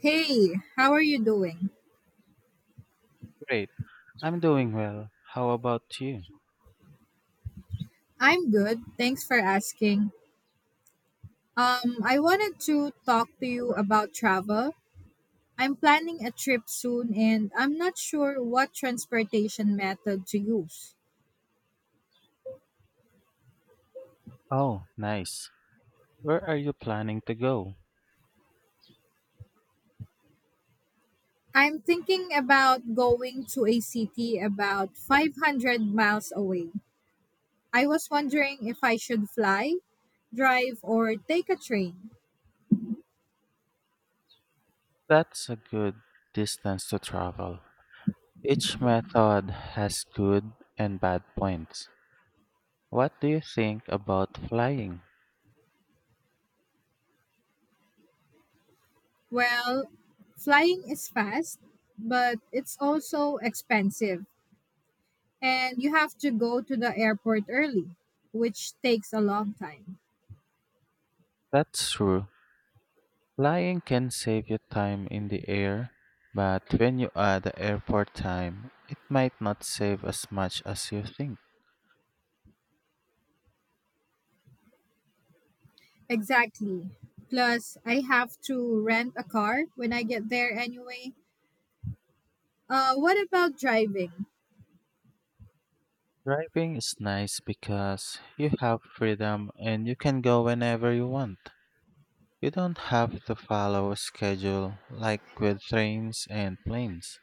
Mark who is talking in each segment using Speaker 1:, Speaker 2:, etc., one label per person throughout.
Speaker 1: Hey, how are you doing?
Speaker 2: Great. I'm doing well. How about you?
Speaker 1: I'm good. Thanks for asking. I wanted to talk to you about travel. I'm planning a trip soon and I'm not sure what transportation method to use.
Speaker 2: Oh, nice. Where are you planning to go?
Speaker 1: I'm thinking about going to a city about 500 miles away. I was wondering if I should fly, drive, or take a train.
Speaker 2: That's a good distance to travel. Each method has good and bad points. What do you think about flying?
Speaker 1: Well, flying is fast, but it's also expensive and you have to go to the airport early, which takes a long time.
Speaker 2: That's true. Flying can save you time in the air, but when you add the airport time, it might not save as much as you think.
Speaker 1: Exactly. Plus, I have to rent a car when I get there anyway. What about driving?
Speaker 2: Driving is nice because you have freedom and you can go whenever you want. You don't have to follow a schedule like with trains and planes.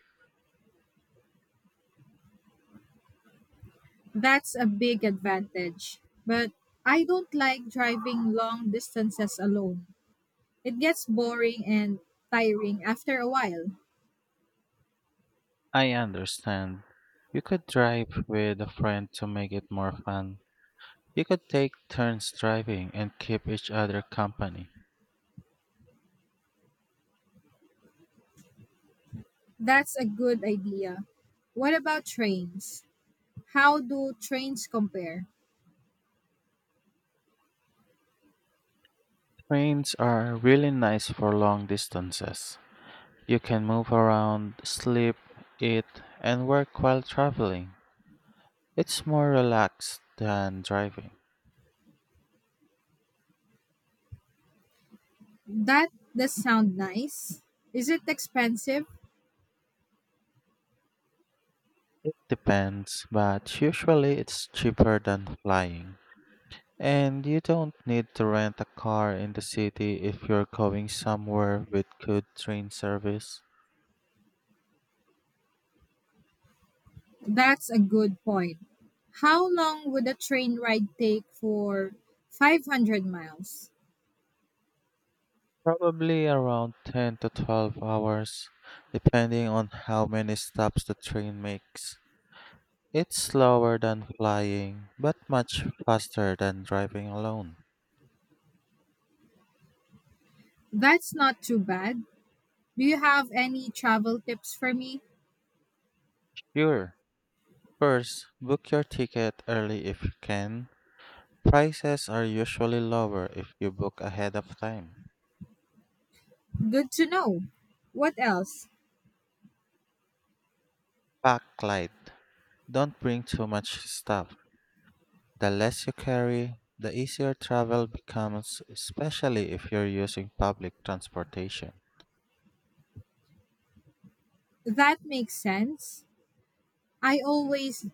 Speaker 1: That's a big advantage. But I don't like driving long distances alone. It gets boring and tiring after a while.
Speaker 2: I understand. You could drive with a friend to make it more fun. You could take turns driving and keep each other company.
Speaker 1: That's a good idea. What about trains? How do trains compare?
Speaker 2: Trains are really nice for long distances. You can move around, sleep, eat, and work while traveling. It's more relaxed than driving.
Speaker 1: That does sound nice. Is it expensive?
Speaker 2: It depends, but usually it's cheaper than flying. And you don't need to rent a car in the city if you're going somewhere with good train service.
Speaker 1: That's a good point. How long would a train ride take for 500 miles?
Speaker 2: Probably around 10 to 12 hours, depending on how many stops the train makes. It's slower than flying, but much faster than driving alone.
Speaker 1: That's not too bad. Do you have any travel tips for me?
Speaker 2: Sure. First, book your ticket early if you can. Prices are usually lower if you book ahead of time.
Speaker 1: Good to know. What else?
Speaker 2: Pack light. Don't bring too much stuff. The less you carry, the easier travel becomes, especially if you're using public transportation.
Speaker 1: That makes sense. I always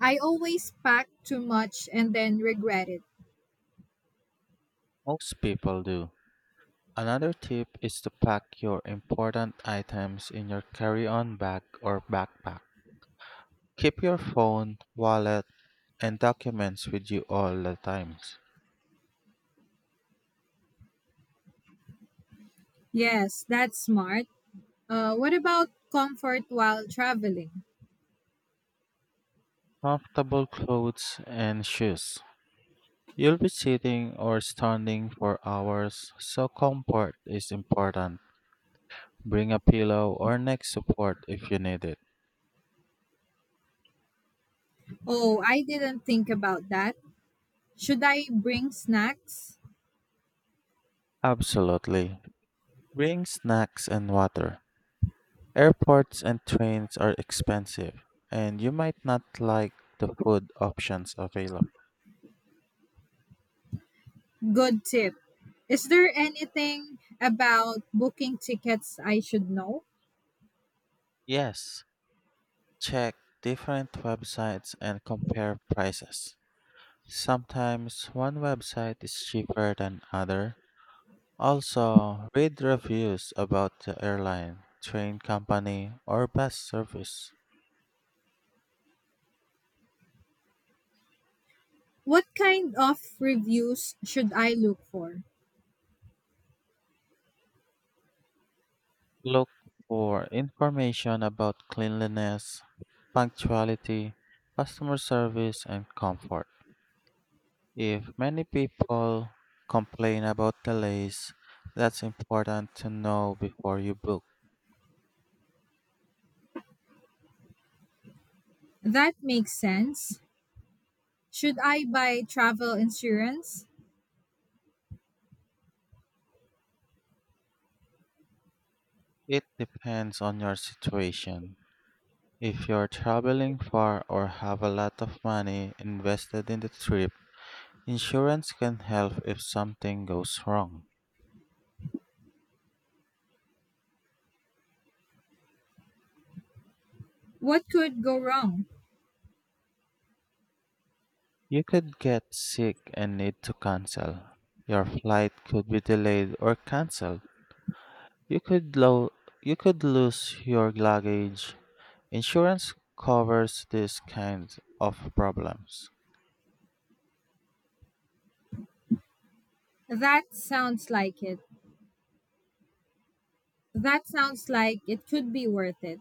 Speaker 1: I always pack too much and then regret it.
Speaker 2: Most people do. Another tip is to pack your important items in your carry on bag or backpack. Keep your phone, wallet, and documents with you all the times.
Speaker 1: Yes, that's smart. What about comfort while traveling?
Speaker 2: Comfortable clothes and shoes. You'll be sitting or standing for hours, so comfort is important. Bring a pillow or neck support if you need it.
Speaker 1: Oh, I didn't think about that. Should I bring snacks?
Speaker 2: Absolutely. Bring snacks and water. Airports and trains are expensive, and you might not like the food options available.
Speaker 1: Good tip. Is there anything about booking tickets I should know?
Speaker 2: Yes, check different websites and compare prices. Sometimes one website is cheaper than other. Also, read reviews about the airline, train company, or bus service.
Speaker 1: What kind of reviews should I look for?
Speaker 2: Look for information about cleanliness, punctuality, customer service, and comfort. If many people complain about delays, that's important to know before you book.
Speaker 1: That makes sense. Should I buy travel insurance?
Speaker 2: It depends on your situation. If you're traveling far or have a lot of money invested in the trip, insurance can help if something goes wrong.
Speaker 1: What could go wrong?
Speaker 2: You could get sick and need to cancel. Your flight could be delayed or canceled. You could lo- you could lose your luggage. Insurance covers these kinds of problems.
Speaker 1: That sounds like it. That sounds like it could be worth it.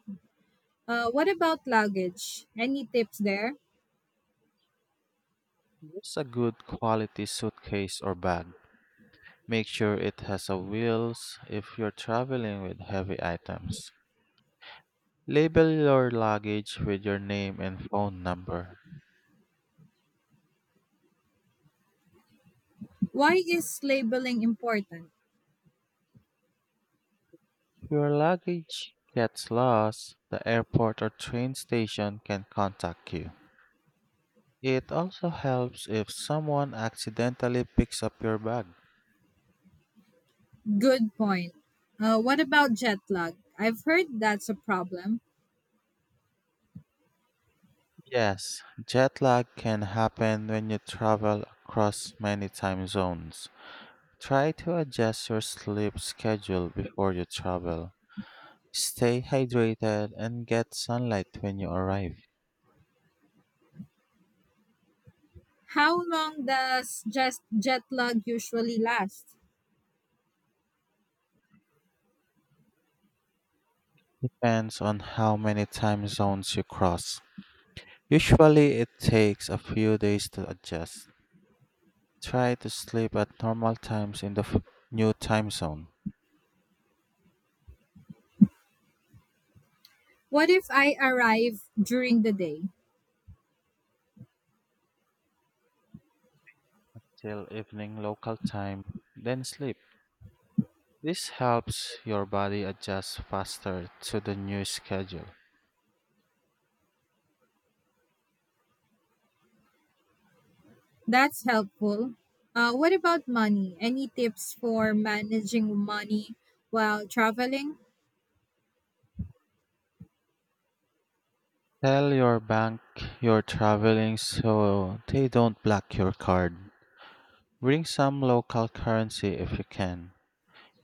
Speaker 1: What about luggage? Any tips there?
Speaker 2: Use a good quality suitcase or bag. Make sure it has a wheels if you're traveling with heavy items. Label your luggage with your name and phone number.
Speaker 1: Why is labeling important?
Speaker 2: If your luggage gets lost, the airport or train station can contact you. It also helps if someone accidentally picks up your bag.
Speaker 1: Good point. What about jet lag? I've heard that's a problem.
Speaker 2: Yes, jet lag can happen when you travel across many time zones. Try to adjust your sleep schedule before you travel. Stay hydrated and get sunlight when you arrive.
Speaker 1: How long does just jet lag usually last?
Speaker 2: Depends on how many time zones you cross. Usually, it takes a few days to adjust. Try to sleep at normal times in the new time zone
Speaker 1: What if I arrive during the day?
Speaker 2: till evening local time, then sleep. This helps your body adjust faster to the new schedule.
Speaker 1: That's helpful. What about money? Any tips for managing money while traveling?
Speaker 2: Tell your bank you're traveling so they don't block your card. Bring some local currency if you can.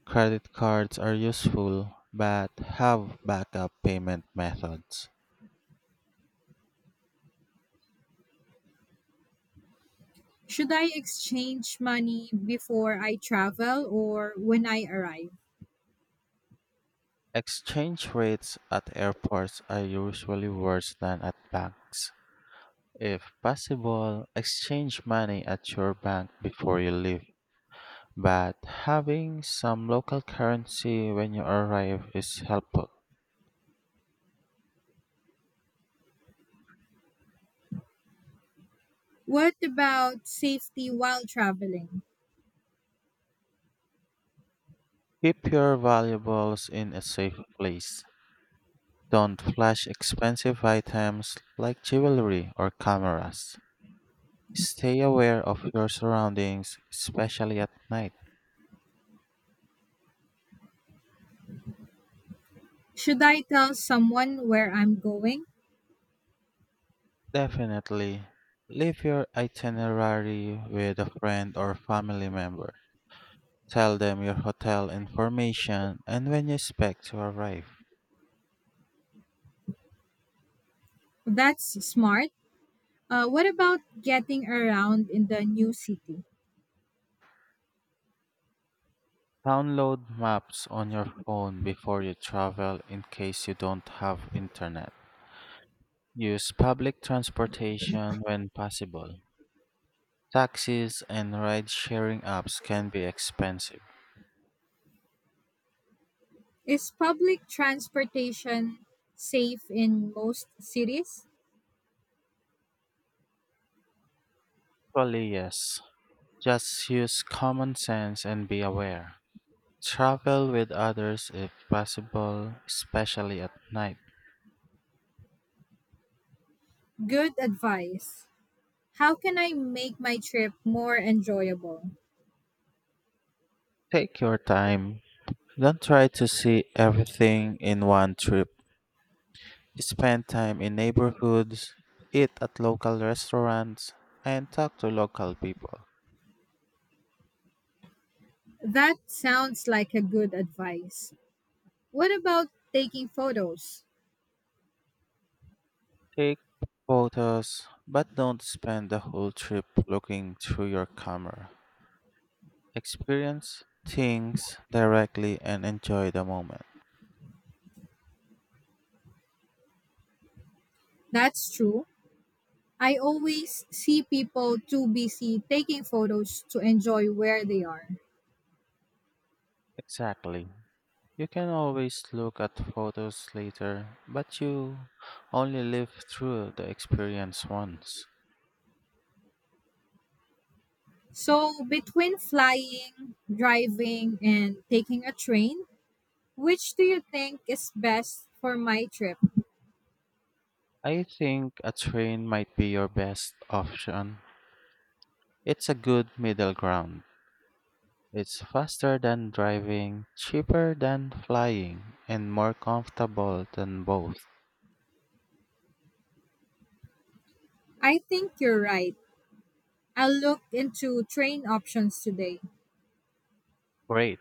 Speaker 2: Credit cards are useful, but have backup payment methods.
Speaker 1: Should I exchange money before I travel or when I arrive?
Speaker 2: Exchange rates at airports are usually worse than at banks. If possible, exchange money at your bank before you leave, but having some local currency when you arrive is helpful.
Speaker 1: What about safety while traveling?
Speaker 2: Keep your valuables in a safe place. Don't flash expensive items like jewelry or cameras. Stay aware of your surroundings, especially at night.
Speaker 1: Should I tell someone where I'm going?
Speaker 2: Definitely, leave your itinerary with a friend or family member. Tell them your hotel information and when you expect to arrive.
Speaker 1: That's smart. What about getting around in the new city?
Speaker 2: Download maps on your phone before you travel in case you don't have internet. Use public transportation when possible. Taxis and ride sharing apps can be expensive.
Speaker 1: Is public transportation safe in most cities?
Speaker 2: Probably yes. Just use common sense and be aware. Travel with others if possible, especially at night.
Speaker 1: Good advice. How can I make my trip more enjoyable?
Speaker 2: Take your time. Don't try to see everything in one trip. Spend time in neighborhoods, eat at local restaurants, and talk to local people.
Speaker 1: That sounds like a good advice. What about taking photos?
Speaker 2: Take photos, but don't spend the whole trip looking through your camera. Experience things directly and enjoy the moment.
Speaker 1: That's true. I always see people too busy taking photos to enjoy where they are.
Speaker 2: Exactly. You can always look at photos later, but you only live through the experience once.
Speaker 1: So, between flying, driving, and taking a train, which do you think is best for my trip?
Speaker 2: I think a train might be your best option. It's a good middle ground. It's faster than driving, cheaper than flying, and more comfortable than both.
Speaker 1: I think you're right. I'll look into train options today.
Speaker 2: Great.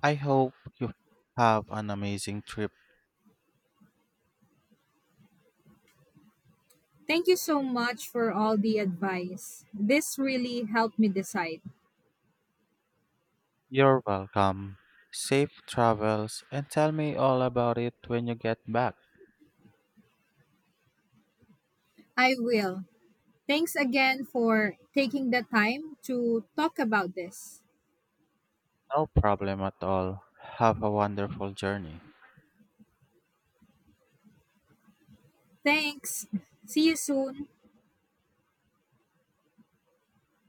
Speaker 2: I hope you have an amazing trip.
Speaker 1: Thank you so much for all the advice. This really helped me decide.
Speaker 2: You're welcome. Safe travels and tell me all about it when you get back.
Speaker 1: I will. Thanks again for taking the time to talk about this.
Speaker 2: No problem at all. Have a wonderful journey.
Speaker 1: Thanks. See you soon.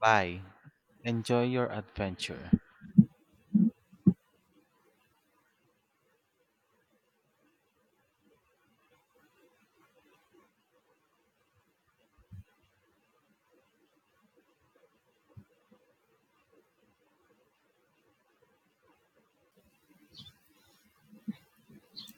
Speaker 2: Bye. Enjoy your adventure.